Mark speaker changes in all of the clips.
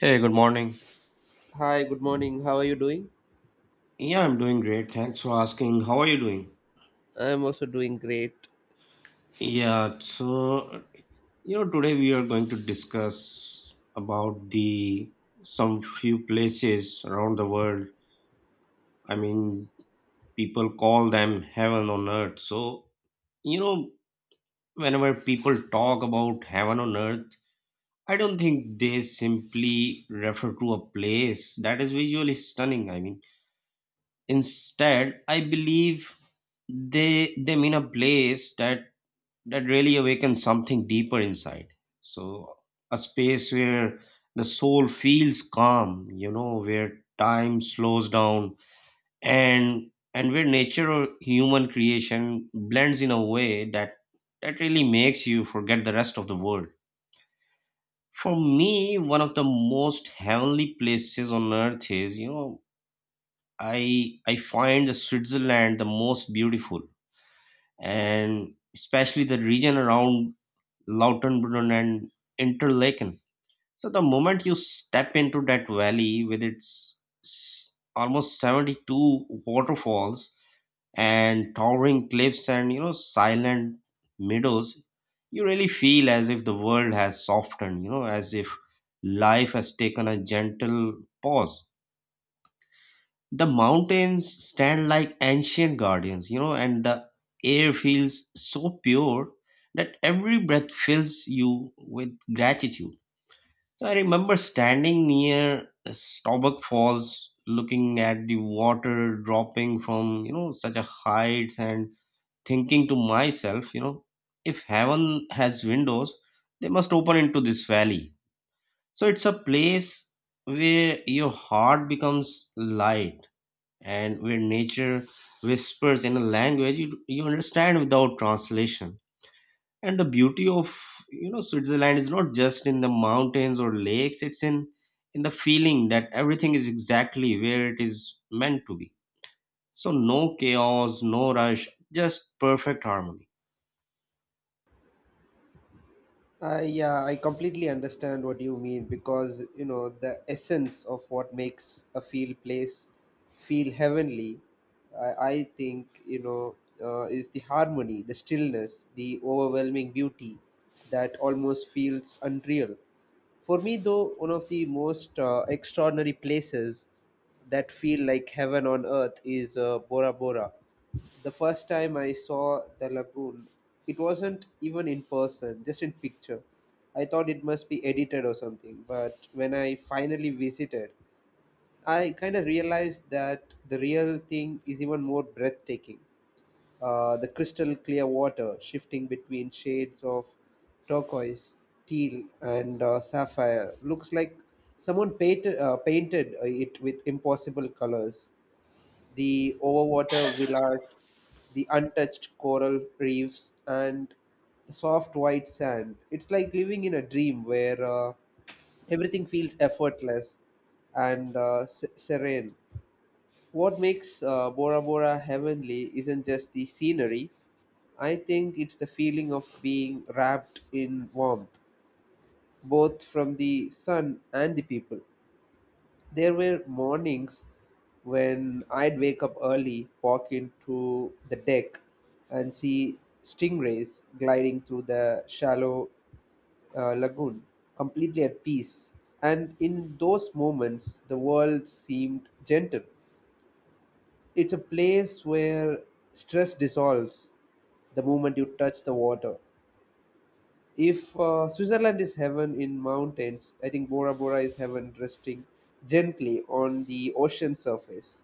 Speaker 1: Hey, good morning.
Speaker 2: Hi, good morning. How are you doing?
Speaker 1: Yeah, I'm doing great. Thanks for asking. How are you doing?
Speaker 2: I'm also doing great.
Speaker 1: Yeah, so today we are going to discuss about the some few places around the world. I mean, people call them heaven on earth. So, you know, whenever people talk about heaven on earth, I don't think they simply refer to a place that is visually stunning. I mean, instead, I believe they mean a place that really awakens something deeper inside. So, a space where the soul feels calm, where time slows down and where nature or human creation blends in a way that really makes you forget the rest of the world. For me, one of the most heavenly places on earth is, I find Switzerland the most beautiful, and especially the region around Lautenbrunnen and Interlaken. So the moment you step into that valley with its almost 72 waterfalls and towering cliffs and silent meadows, you really feel as if the world has softened, as if life has taken a gentle pause. The mountains stand like ancient guardians, and the air feels so pure that every breath fills you with gratitude. So I remember standing near Staubach Falls, looking at the water dropping from, such a heights, and thinking to myself, if heaven has windows, they must open into this valley. So it's a place where your heart becomes light and where nature whispers in a language you understand without translation. And the beauty of Switzerland is not just in the mountains or lakes. It's in the feeling that everything is exactly where it is meant to be. So no chaos, no rush, just perfect harmony.
Speaker 2: Yeah, I completely understand what you mean because you know the essence of what makes a feel place feel heavenly. I think you know is the harmony, the stillness, the overwhelming beauty that almost feels unreal. For me, though, one of the most extraordinary places that feel like heaven on earth is Bora Bora. The first time I saw the lagoon, it wasn't even in person, just in picture. I thought it must be edited or something, but when I finally visited, I kind of realized that the real thing is even more breathtaking. The crystal clear water shifting between shades of turquoise, teal, and sapphire looks like someone painted it with impossible colors. The overwater villas, the untouched coral reefs, and the soft white sand. It's like living in a dream where everything feels effortless and serene. What makes Bora Bora heavenly isn't just the scenery, I think it's the feeling of being wrapped in warmth, both from the sun and the people. There were mornings when I'd wake up early, walk into the deck, and see stingrays gliding through the shallow lagoon, completely at peace. And in those moments, the world seemed gentle. It's a place where stress dissolves the moment you touch the water. If Switzerland is heaven in mountains, I think Bora Bora is heaven resting gently on the ocean surface.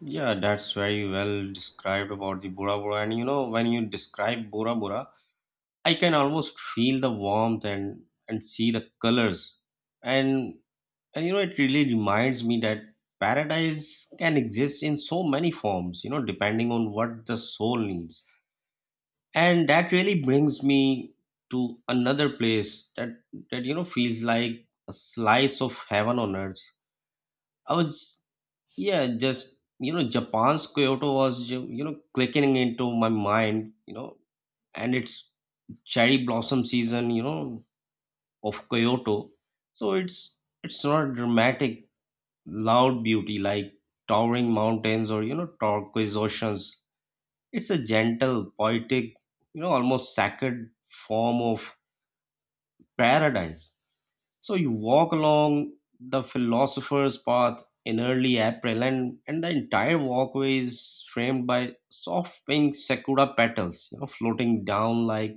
Speaker 1: Yeah, that's very well described about the Bora Bora. And when you describe Bora Bora, I can almost feel the warmth, and see the colors, and And it really reminds me that paradise can exist in so many forms, depending on what the soul needs. And that really brings me to another place that feels like a slice of heaven on earth. I was Yeah, just Japan's Kyoto was clicking into my mind, and it's cherry blossom season of Kyoto. So it's not dramatic loud beauty like towering mountains or turquoise oceans. It's a gentle, poetic, almost sacred form of paradise. So you walk along the philosopher's path in early April, and the entire walkway is framed by soft pink sakura petals, floating down like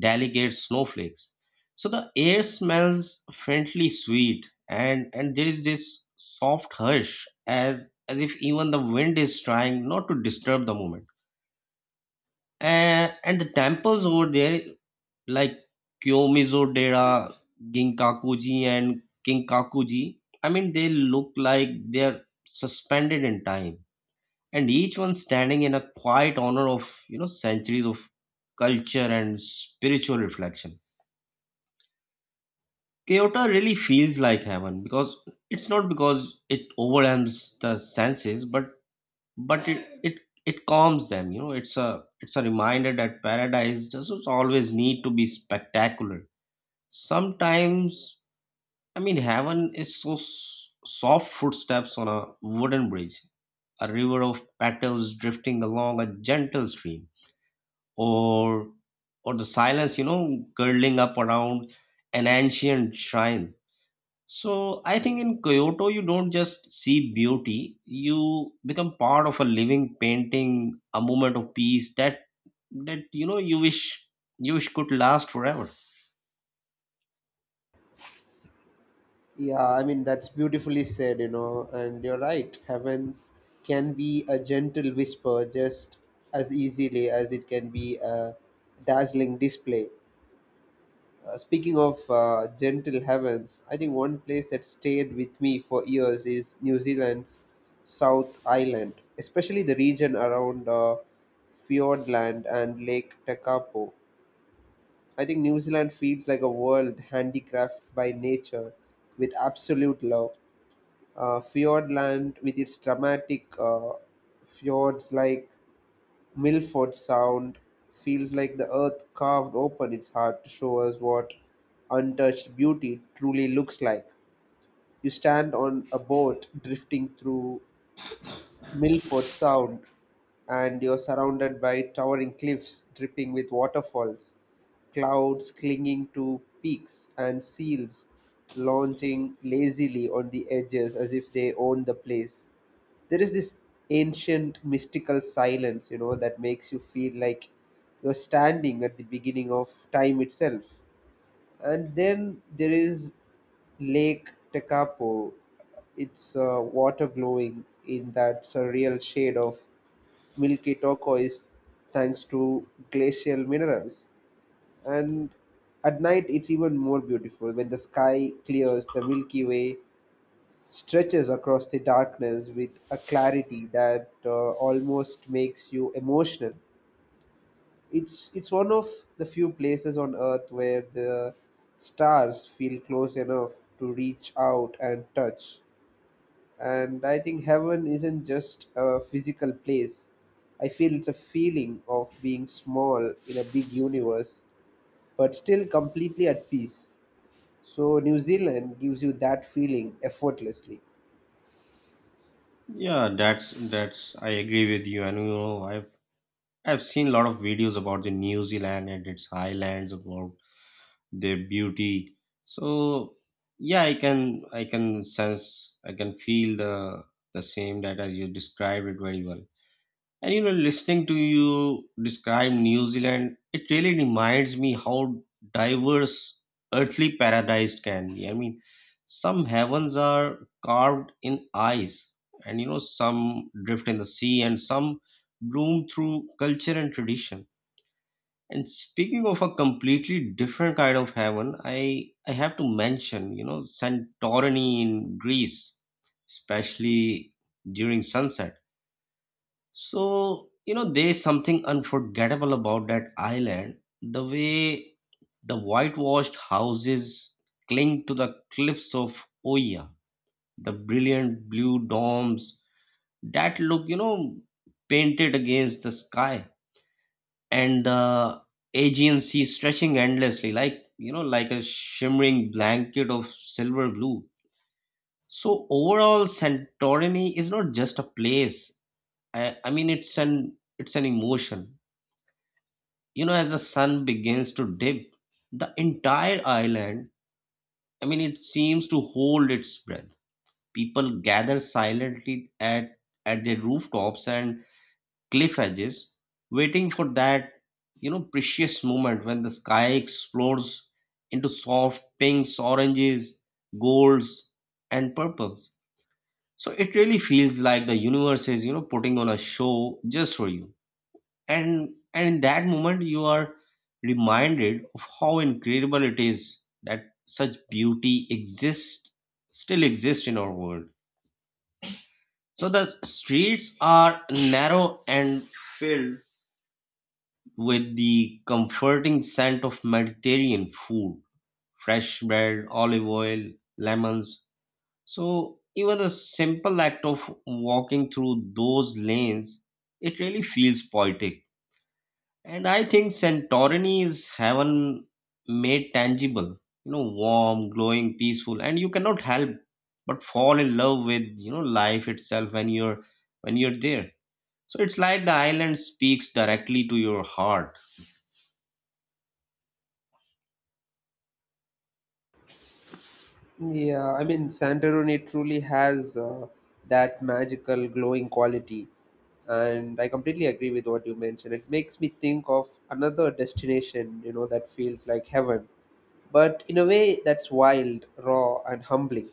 Speaker 1: delicate snowflakes. So the air smells faintly sweet, and there is this soft hush, as if even the wind is trying not to disturb the moment. And the temples over there, like Kyomizo Dera, Ginkakuji, and Kinkakuji, I mean, they look like they're suspended in time, and each one standing in a quiet honor of centuries of culture and spiritual reflection. Kyoto really feels like heaven, because it's not because it overwhelms the senses, but it calms them. It's a reminder that paradise doesn't always need to be spectacular. Sometimes, I mean, heaven is so soft footsteps on a wooden bridge, a river of petals drifting along a gentle stream, or or the silence, curling up around an ancient shrine. So I think in Kyoto, you don't just see beauty. You become part of a living painting, a moment of peace that you wish could last forever.
Speaker 2: Yeah, I mean, that's beautifully said, you know, and you're right. Heaven can be a gentle whisper just as easily as it can be a dazzling display. Speaking of gentle heavens, I think one place that stayed with me for years is New Zealand's South Island, especially the region around Fiordland and Lake Tekapo. I think New Zealand feels like a world handicraft by nature with absolute love. Fiordland, with its dramatic fjords like Milford Sound, feels like the earth carved open its heart to show us what untouched beauty truly looks like. You stand on a boat drifting through Milford Sound, and you're surrounded by towering cliffs dripping with waterfalls, clouds clinging to peaks, and seals lounging lazily on the edges as if they own the place. There is this ancient mystical silence, you know, that makes you feel like you're standing at the beginning of time itself. And then there is Lake Tekapo. It's water glowing in that surreal shade of milky turquoise thanks to glacial minerals. And at night, it's even more beautiful when the sky clears, the Milky Way stretches across the darkness with a clarity that almost makes you emotional. It's one of the few places on Earth where the stars feel close enough to reach out and touch. And I think heaven isn't just a physical place. I feel it's a feeling of being small in a big universe, but still completely at peace. So New Zealand gives you that feeling effortlessly.
Speaker 1: Yeah, that's I agree with you. And I've seen a lot of videos about the New Zealand and its highlands, about their beauty. So yeah, I can feel the same that as you described it very well. And listening to you describe New Zealand, it really reminds me how diverse earthly paradise can be. I mean, some heavens are carved in ice, and some drift in the sea, and some bloom through culture and tradition. And speaking of a completely different kind of heaven, I have to mention, Santorini in Greece, especially during sunset. So, there's something unforgettable about that island. The way the whitewashed houses cling to the cliffs of Oya, the brilliant blue domes that look, painted against the sky, and the Aegean Sea stretching endlessly, like a shimmering blanket of silver blue. So, overall, Santorini is not just a place. I mean, it's an emotion. As the sun begins to dip, the entire island, I mean, it seems to hold its breath. People gather silently at their rooftops and cliff edges, waiting for that precious moment when the sky explodes into soft pinks, oranges, golds, and purples. So it really feels like the universe is, putting on a show just for you. And in that moment you are reminded of how incredible it is that such beauty exists still exists in our world. So the streets are narrow and filled with the comforting scent of Mediterranean food, fresh bread, olive oil, lemons. So even the simple act of walking through those lanes, it really feels poetic. And I think Santorini is heaven made tangible, warm, glowing, peaceful, and you cannot help but fall in love with, life itself when you're there. So it's like the island speaks directly to your heart.
Speaker 2: Yeah, I mean, Santorini truly has that magical glowing quality. And I completely agree with what you mentioned. It makes me think of another destination, you know, that feels like heaven, but in a way that's wild, raw, and humbling,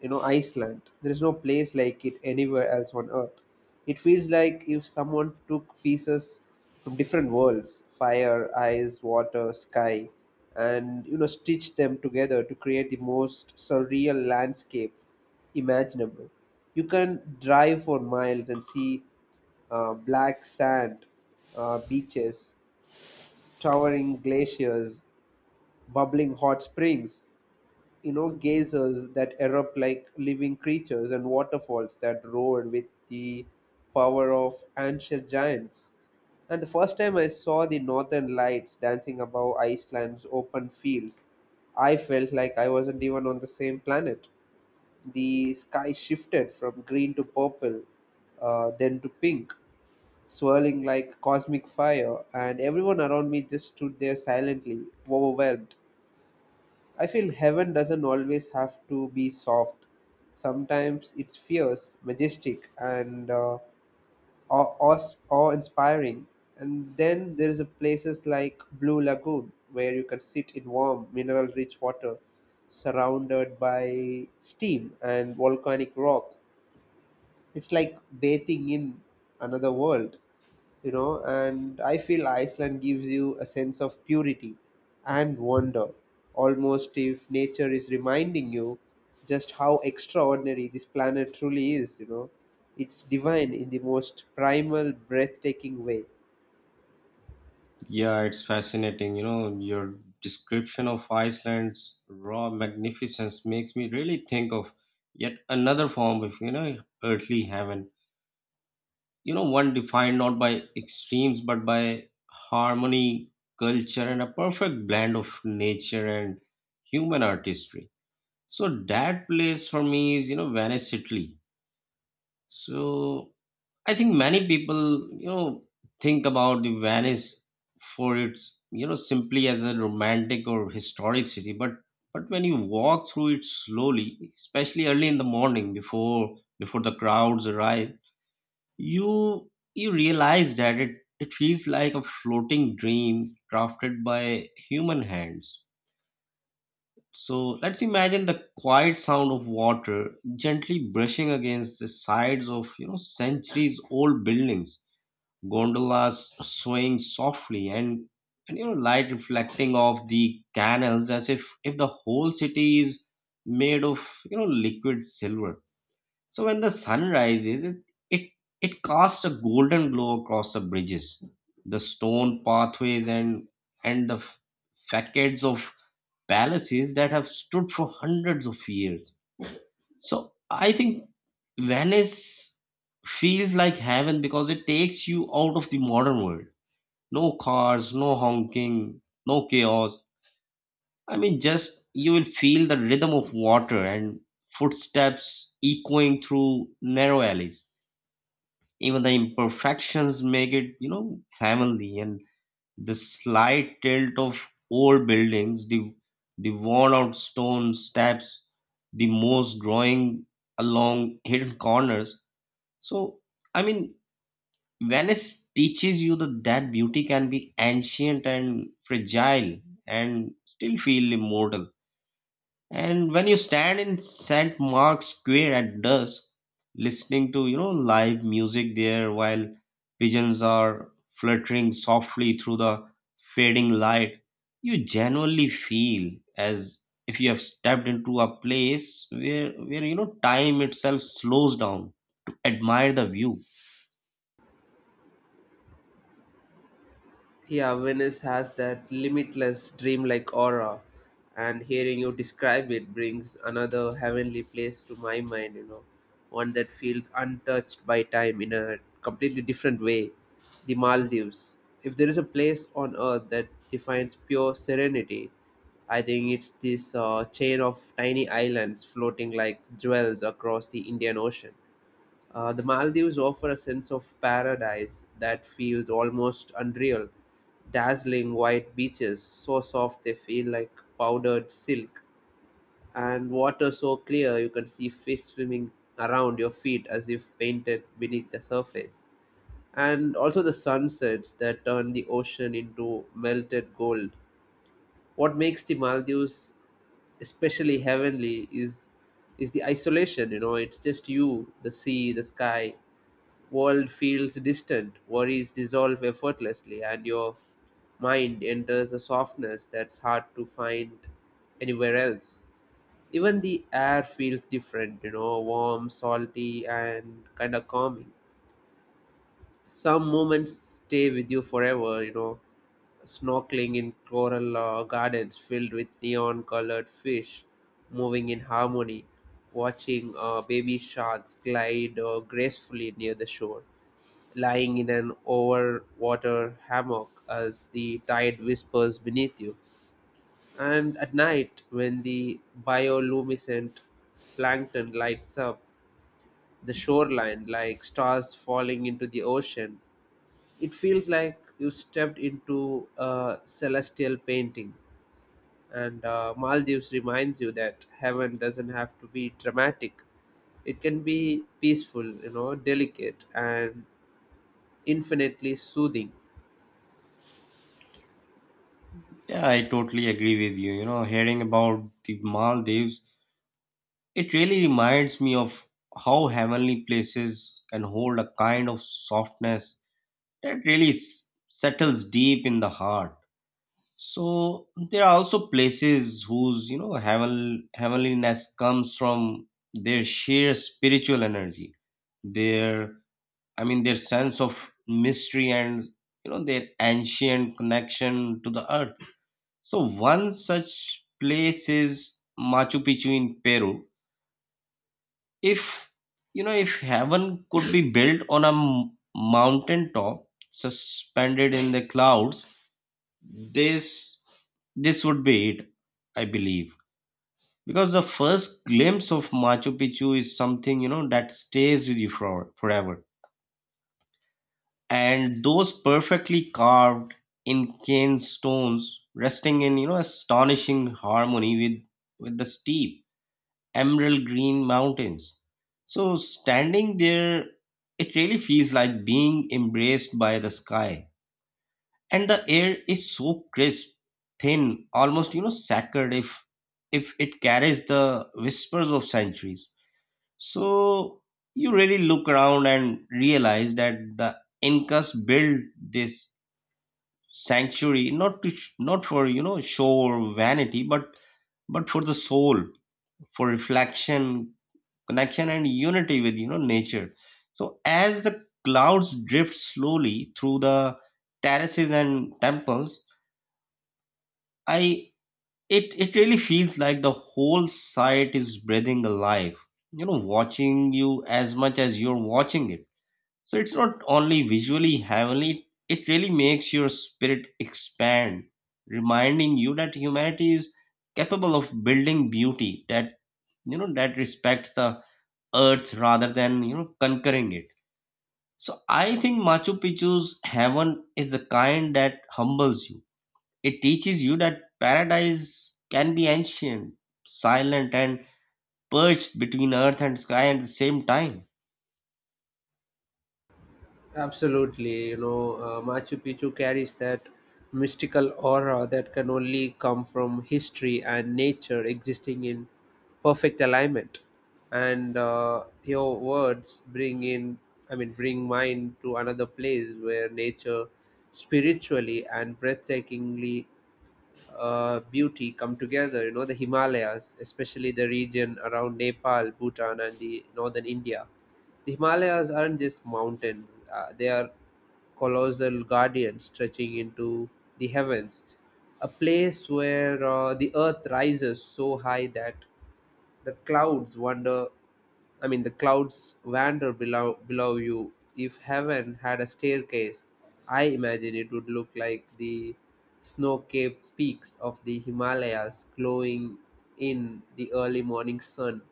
Speaker 2: you know. Iceland. There is no place like it anywhere else on earth. It feels like if someone took pieces from different worlds, fire, ice, water, sky, and you know stitched them together to create the most surreal landscape imaginable. You can drive for miles and see black sand beaches, towering glaciers, bubbling hot springs, you know geysers that erupt like living creatures and waterfalls that roar with the power of ancient giants. And the first time I saw the northern lights dancing above Iceland's open fields, I felt like I wasn't even on the same planet. The sky shifted from green to purple, then to pink, swirling like cosmic fire, and everyone around me just stood there silently overwhelmed. I feel heaven doesn't always have to be soft. Sometimes it's fierce, majestic, and awe inspiring. And then there is a places like Blue Lagoon where you can sit in warm, mineral rich water surrounded by steam and volcanic rock. It's like bathing in another world, you know. And I feel Iceland gives you a sense of purity and wonder, almost if nature is reminding you just how extraordinary this planet truly is, you know. It's divine in the most primal breathtaking way.
Speaker 1: Yeah, it's fascinating. Your description of Iceland's raw magnificence makes me really think of yet another form of, earthly heaven, one defined not by extremes but by harmony, culture, and a perfect blend of nature and human artistry. So that place for me is, Venice, Italy. So I think many people, you know think about the Venice for its, simply as a romantic or historic city, but when you walk through it slowly, especially early in the morning, before the crowds arrive, you realize that it feels like a floating dream crafted by human hands. So let's imagine the quiet sound of water gently brushing against the sides of centuries old buildings, gondolas swaying softly, and light reflecting off the canals as if the whole city is made of liquid silver. So when the sun rises, it, it casts a golden glow across the bridges, the stone pathways, and the facades of palaces that have stood for hundreds of years. So I think Venice feels like heaven because it takes you out of the modern world. No cars, no honking, no chaos. I mean, just you will feel the rhythm of water and footsteps echoing through narrow alleys. Even the imperfections make it, heavenly. And the slight tilt of old buildings, the worn out stone steps, the moss growing along hidden corners. So, I mean, Venice teaches you that beauty can be ancient and fragile, and still feel immortal. And when you stand in St. Mark's Square at dusk, listening to, live music there while pigeons are fluttering softly through the fading light, you genuinely feel as if you have stepped into a place where time itself slows down to admire the view.
Speaker 2: Yeah, Venice has that limitless dreamlike aura, and hearing you describe it brings another heavenly place to my mind, you know, one that feels untouched by time in a completely different way. The Maldives. If there is a place on earth that defines pure serenity, I think it's this chain of tiny islands floating like jewels across the Indian Ocean. The Maldives offer a sense of paradise that feels almost unreal. Dazzling white beaches, so soft they feel like powdered silk, and water so clear you can see fish swimming around your feet as if painted beneath the surface. And also the sunsets that turn the ocean into melted gold. What makes the Maldives especially heavenly is the isolation, you know. It's just you, the sea, the sky. World feels distant, worries dissolve effortlessly, and your mind enters a softness that's hard to find anywhere else. Even the air feels different, you know, warm, salty, and kind of calming. Some moments stay with you forever, you know, snorkeling in coral gardens filled with neon colored fish moving in harmony, watching baby sharks glide gracefully near the shore, lying in an overwater hammock as the tide whispers beneath you. And at night when the bioluminescent plankton lights up the shoreline like stars falling into the ocean, it feels like you stepped into a celestial painting. And Maldives reminds you that heaven doesn't have to be dramatic. It can be peaceful, you know, delicate and infinitely soothing.
Speaker 1: Yeah, I totally agree with you. Hearing about the Maldives. It really reminds me of how heavenly places can hold a kind of softness that really settles deep in the heart. So there are also places whose heavenliness comes from their sheer spiritual energy, their I mean, their sense of mystery, and their ancient connection to the earth. So one such place is Machu Picchu in Peru. If you know if heaven could be built on a mountain top suspended in the clouds, this this would be it, I believe. Because the first glimpse of Machu Picchu is something, that stays with you forever. And those perfectly carved in cane stones resting in, astonishing harmony with the steep emerald green mountains. So standing there, it really feels like being embraced by the sky. And the air is so crisp, thin, almost, sacred, if it carries the whispers of centuries. So you really look around and realize that the Incas built this sanctuary not for show or vanity, but for the soul, for reflection, connection and unity with nature. So as the clouds drift slowly through the terraces and temples, I it really feels like the whole site is breathing alive, watching you as much as you're watching it. So it's not only visually heavenly, it really makes your spirit expand, reminding you that humanity is capable of building beauty that that respects the earth rather than conquering it. So I think Machu Picchu's heaven is the kind that humbles you. It teaches you that paradise can be ancient, silent, and perched between earth and sky at the same time.
Speaker 2: Absolutely, you know, Machu Picchu carries that mystical aura that can only come from history and nature existing in perfect alignment. And your words bring in, I mean, bring mine to another place where nature, spiritually and breathtakingly beauty come together. You know, the Himalayas, especially the region around Nepal, Bhutan, and the northern India. The Himalayas aren't just mountains; they are colossal guardians stretching into the heavens. A place where the earth rises so high that the clouds wonder I mean the clouds wander below you. If heaven had a staircase, I imagine it would look like the snow-capped peaks of the Himalayas glowing in the early morning sun.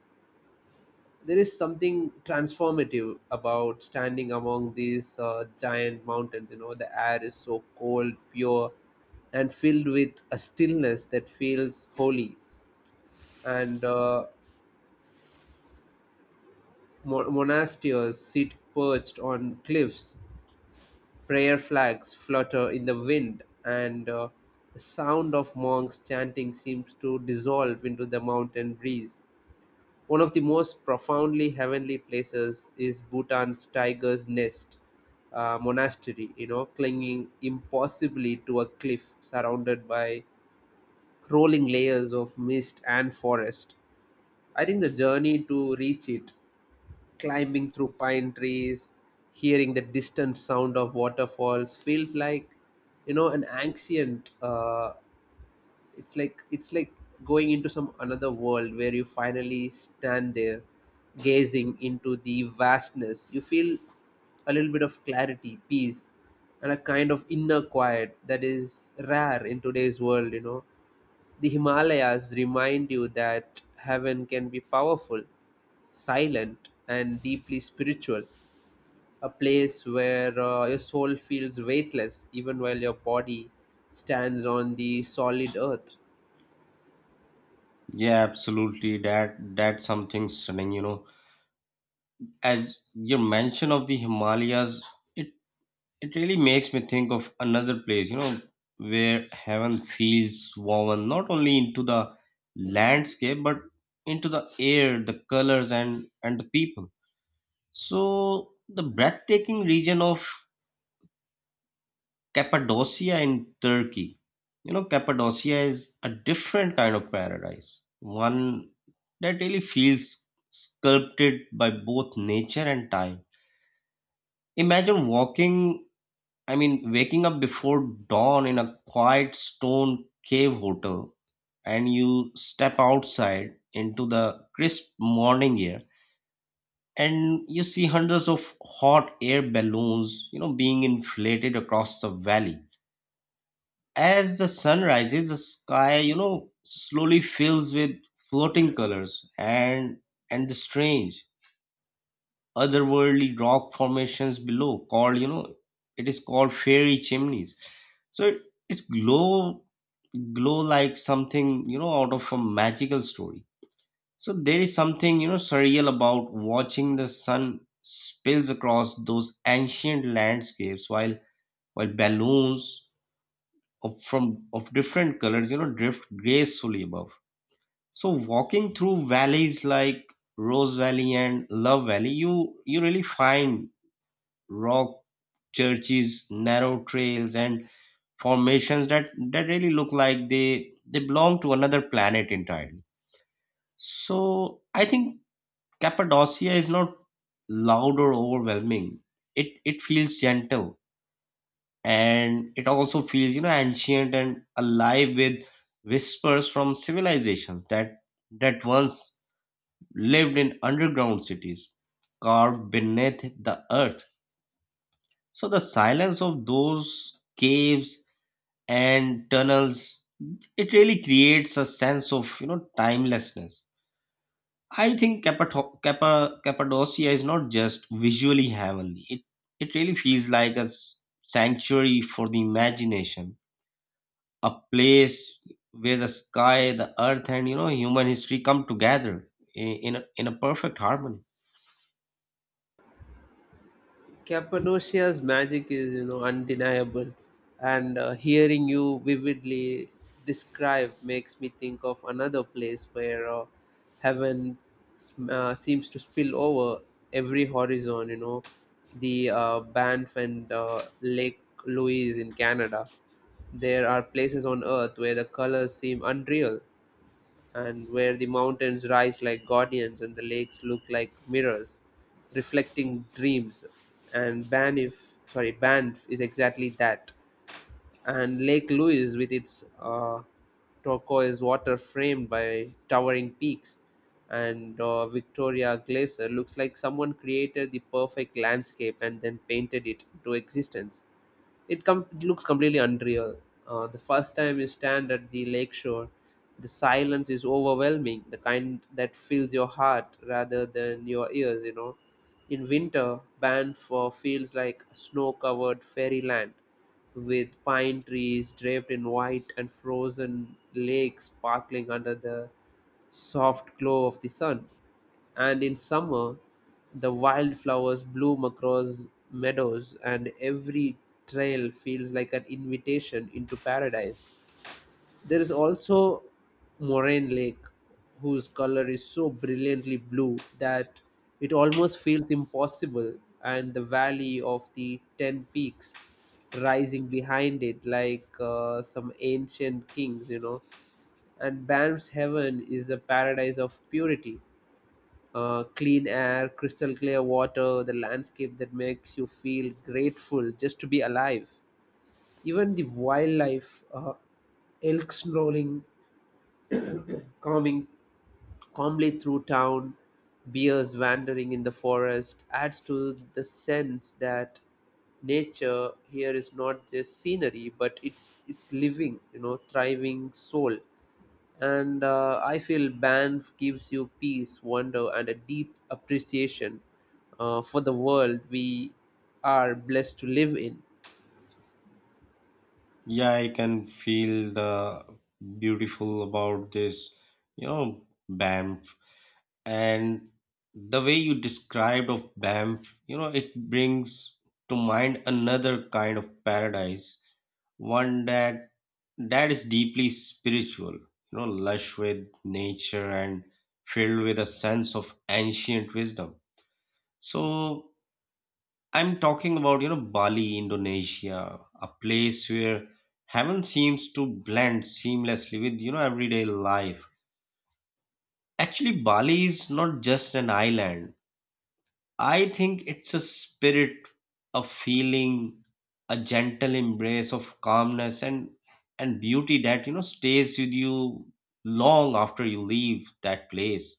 Speaker 2: There is something transformative about standing among these giant mountains. You know, the air is so cold, pure, and filled with a stillness that feels holy. And monasteries sit perched on cliffs, prayer flags flutter in the wind, and the sound of monks chanting seems to dissolve into the mountain breeze. One of the most profoundly heavenly places is Bhutan's Tiger's Nest monastery, you know, clinging impossibly to a cliff surrounded by rolling layers of mist and forest. I think the journey to reach it, climbing through pine trees, hearing the distant sound of waterfalls, feels like you know an ancient. It's like going into some another world. Where you finally stand there, gazing into the vastness, you feel a little bit of clarity, peace, and a kind of inner quiet that is rare in today's world. You know, the Himalayas remind you that heaven can be powerful, silent, and deeply spiritual, a place where your soul feels weightless even while your body stands on the solid earth.
Speaker 1: Yeah, absolutely, that's something stunning, you know, as your mention of the Himalayas, it it really makes me think of another place, you know, where heaven feels woven not only into the landscape but into the air, the colors, and the people. So the breathtaking region of Cappadocia in Turkey. You know, Cappadocia is a different kind of paradise, one that really feels sculpted by both nature and time. Imagine walking I mean, Waking up before dawn in a quiet stone cave hotel, and you step outside into the crisp morning air, and you see hundreds of hot air balloons, you know, being inflated across the valley. As the sun rises, the sky, you know, slowly fills with floating colors, and the strange otherworldly rock formations below called, it is called fairy chimneys. So it glow glow like something, you know, out of a magical story. So there is something, you know, surreal about watching the sun spills across those ancient landscapes while balloons of different colors, you know, drift gracefully above. So walking through valleys like Rose Valley and Love Valley, you really find rock churches, narrow trails, and formations that really look like they belong to another planet entirely. So I think Cappadocia is not loud or overwhelming. It feels gentle, and it also feels, you know, ancient and alive with whispers from civilizations that once lived in underground cities carved beneath the earth. So the silence of those caves and tunnels, it really creates a sense of, you know, timelessness. I think Cappadocia is not just visually heavenly, it really feels like a sanctuary for the imagination, a place where the sky, the earth, and, you know, human history come together in in a perfect harmony.
Speaker 2: Cappadocia's magic is, you know, undeniable, and hearing you vividly describe makes me think of another place where heaven seems to spill over every horizon. You know, the Banff and Lake Louise in Canada. There are places on earth where the colors seem unreal, and where the mountains rise like guardians and the lakes look like mirrors, reflecting dreams. And Banff is exactly that, and Lake Louise, with its turquoise water framed by towering peaks and Victoria Glacier, looks like someone created the perfect landscape and then painted it into existence. It looks completely unreal. The first time you stand at the lakeshore, the silence is overwhelming, the kind that fills your heart rather than your ears, you know. In winter, Banff feels like snow covered fairyland with pine trees draped in white and frozen lakes sparkling under the soft glow of the sun. And in summer, the wildflowers bloom across meadows, and every trail feels like an invitation into paradise. There is also Moraine Lake, whose color is so brilliantly blue that it almost feels impossible, and the valley of the Ten Peaks rising behind it like some ancient kings, you know. And Banff's heaven is a paradise of purity. Clean air, crystal clear water, the landscape that makes you feel grateful just to be alive. Even the wildlife, elk snarling, coming calmly through town, bears wandering in the forest, adds to the sense that nature here is not just scenery, but it's living, you know, thriving soul. And I feel Banff gives you peace, wonder, and a deep appreciation for the world we are blessed to live in.
Speaker 1: Yeah, I can feel the beautiful about this, you know, band, and the way you described of Banff, you know, it brings to mind another kind of paradise, one that is deeply spiritual, you know, lush with nature and filled with a sense of ancient wisdom. So I'm talking about, you know, Bali, Indonesia, a place where heaven seems to blend seamlessly with, you know, everyday life. Actually, Bali is not just an island, I think it's a spirit, a feeling, a gentle embrace of calmness and beauty that, you know, stays with you long after you leave that place.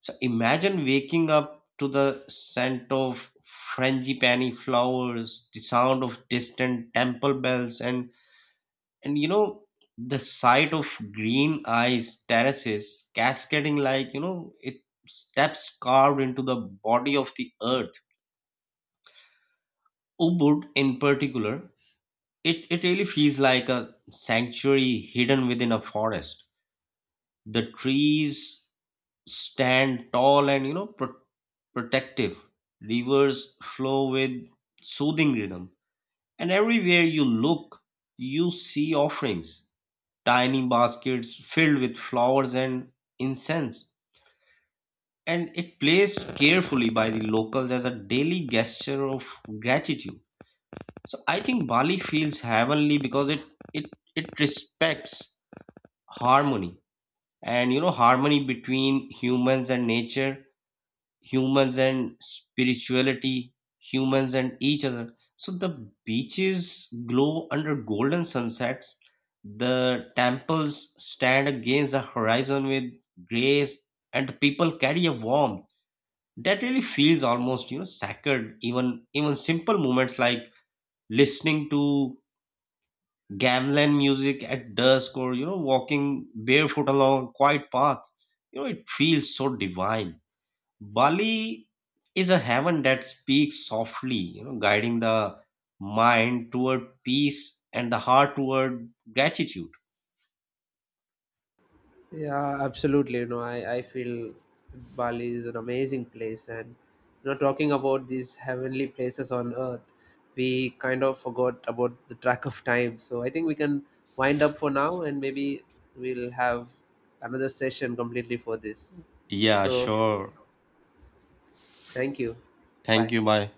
Speaker 1: So imagine waking up to the scent of frangipani flowers, the sound of distant temple bells, and and you know the sight of green ice terraces cascading like, you know it steps carved into the body of the earth. Ubud, in particular, it really feels like a sanctuary hidden within a forest. The trees stand tall and, you know, protective. Rivers flow with soothing rhythm, and everywhere you look, you see offerings, tiny baskets filled with flowers and incense. And it placed carefully by the locals as a daily gesture of gratitude. So I think Bali feels heavenly because it it respects harmony, and, you know, harmony between humans and nature, humans and spirituality, humans and each other. So the beaches glow under golden sunsets. The temples stand against the horizon with grace, and the people carry a warmth that really feels almost, you know, sacred. Even simple moments like listening to gamelan music at dusk or, you know, walking barefoot along quiet path, it feels so divine. Bali is a heaven that speaks softly, you know, guiding the mind toward peace and the heart toward gratitude.
Speaker 2: Yeah, absolutely. You know, I feel Bali is an amazing place, and you know, talking about these heavenly places on earth, we kind of forgot about the track of time. So I think we can wind up for now, and maybe we'll have another session completely for this.
Speaker 1: Yeah,
Speaker 2: So
Speaker 1: sure.
Speaker 2: thank you.
Speaker 1: Thank
Speaker 2: Bye.
Speaker 1: you. Bye.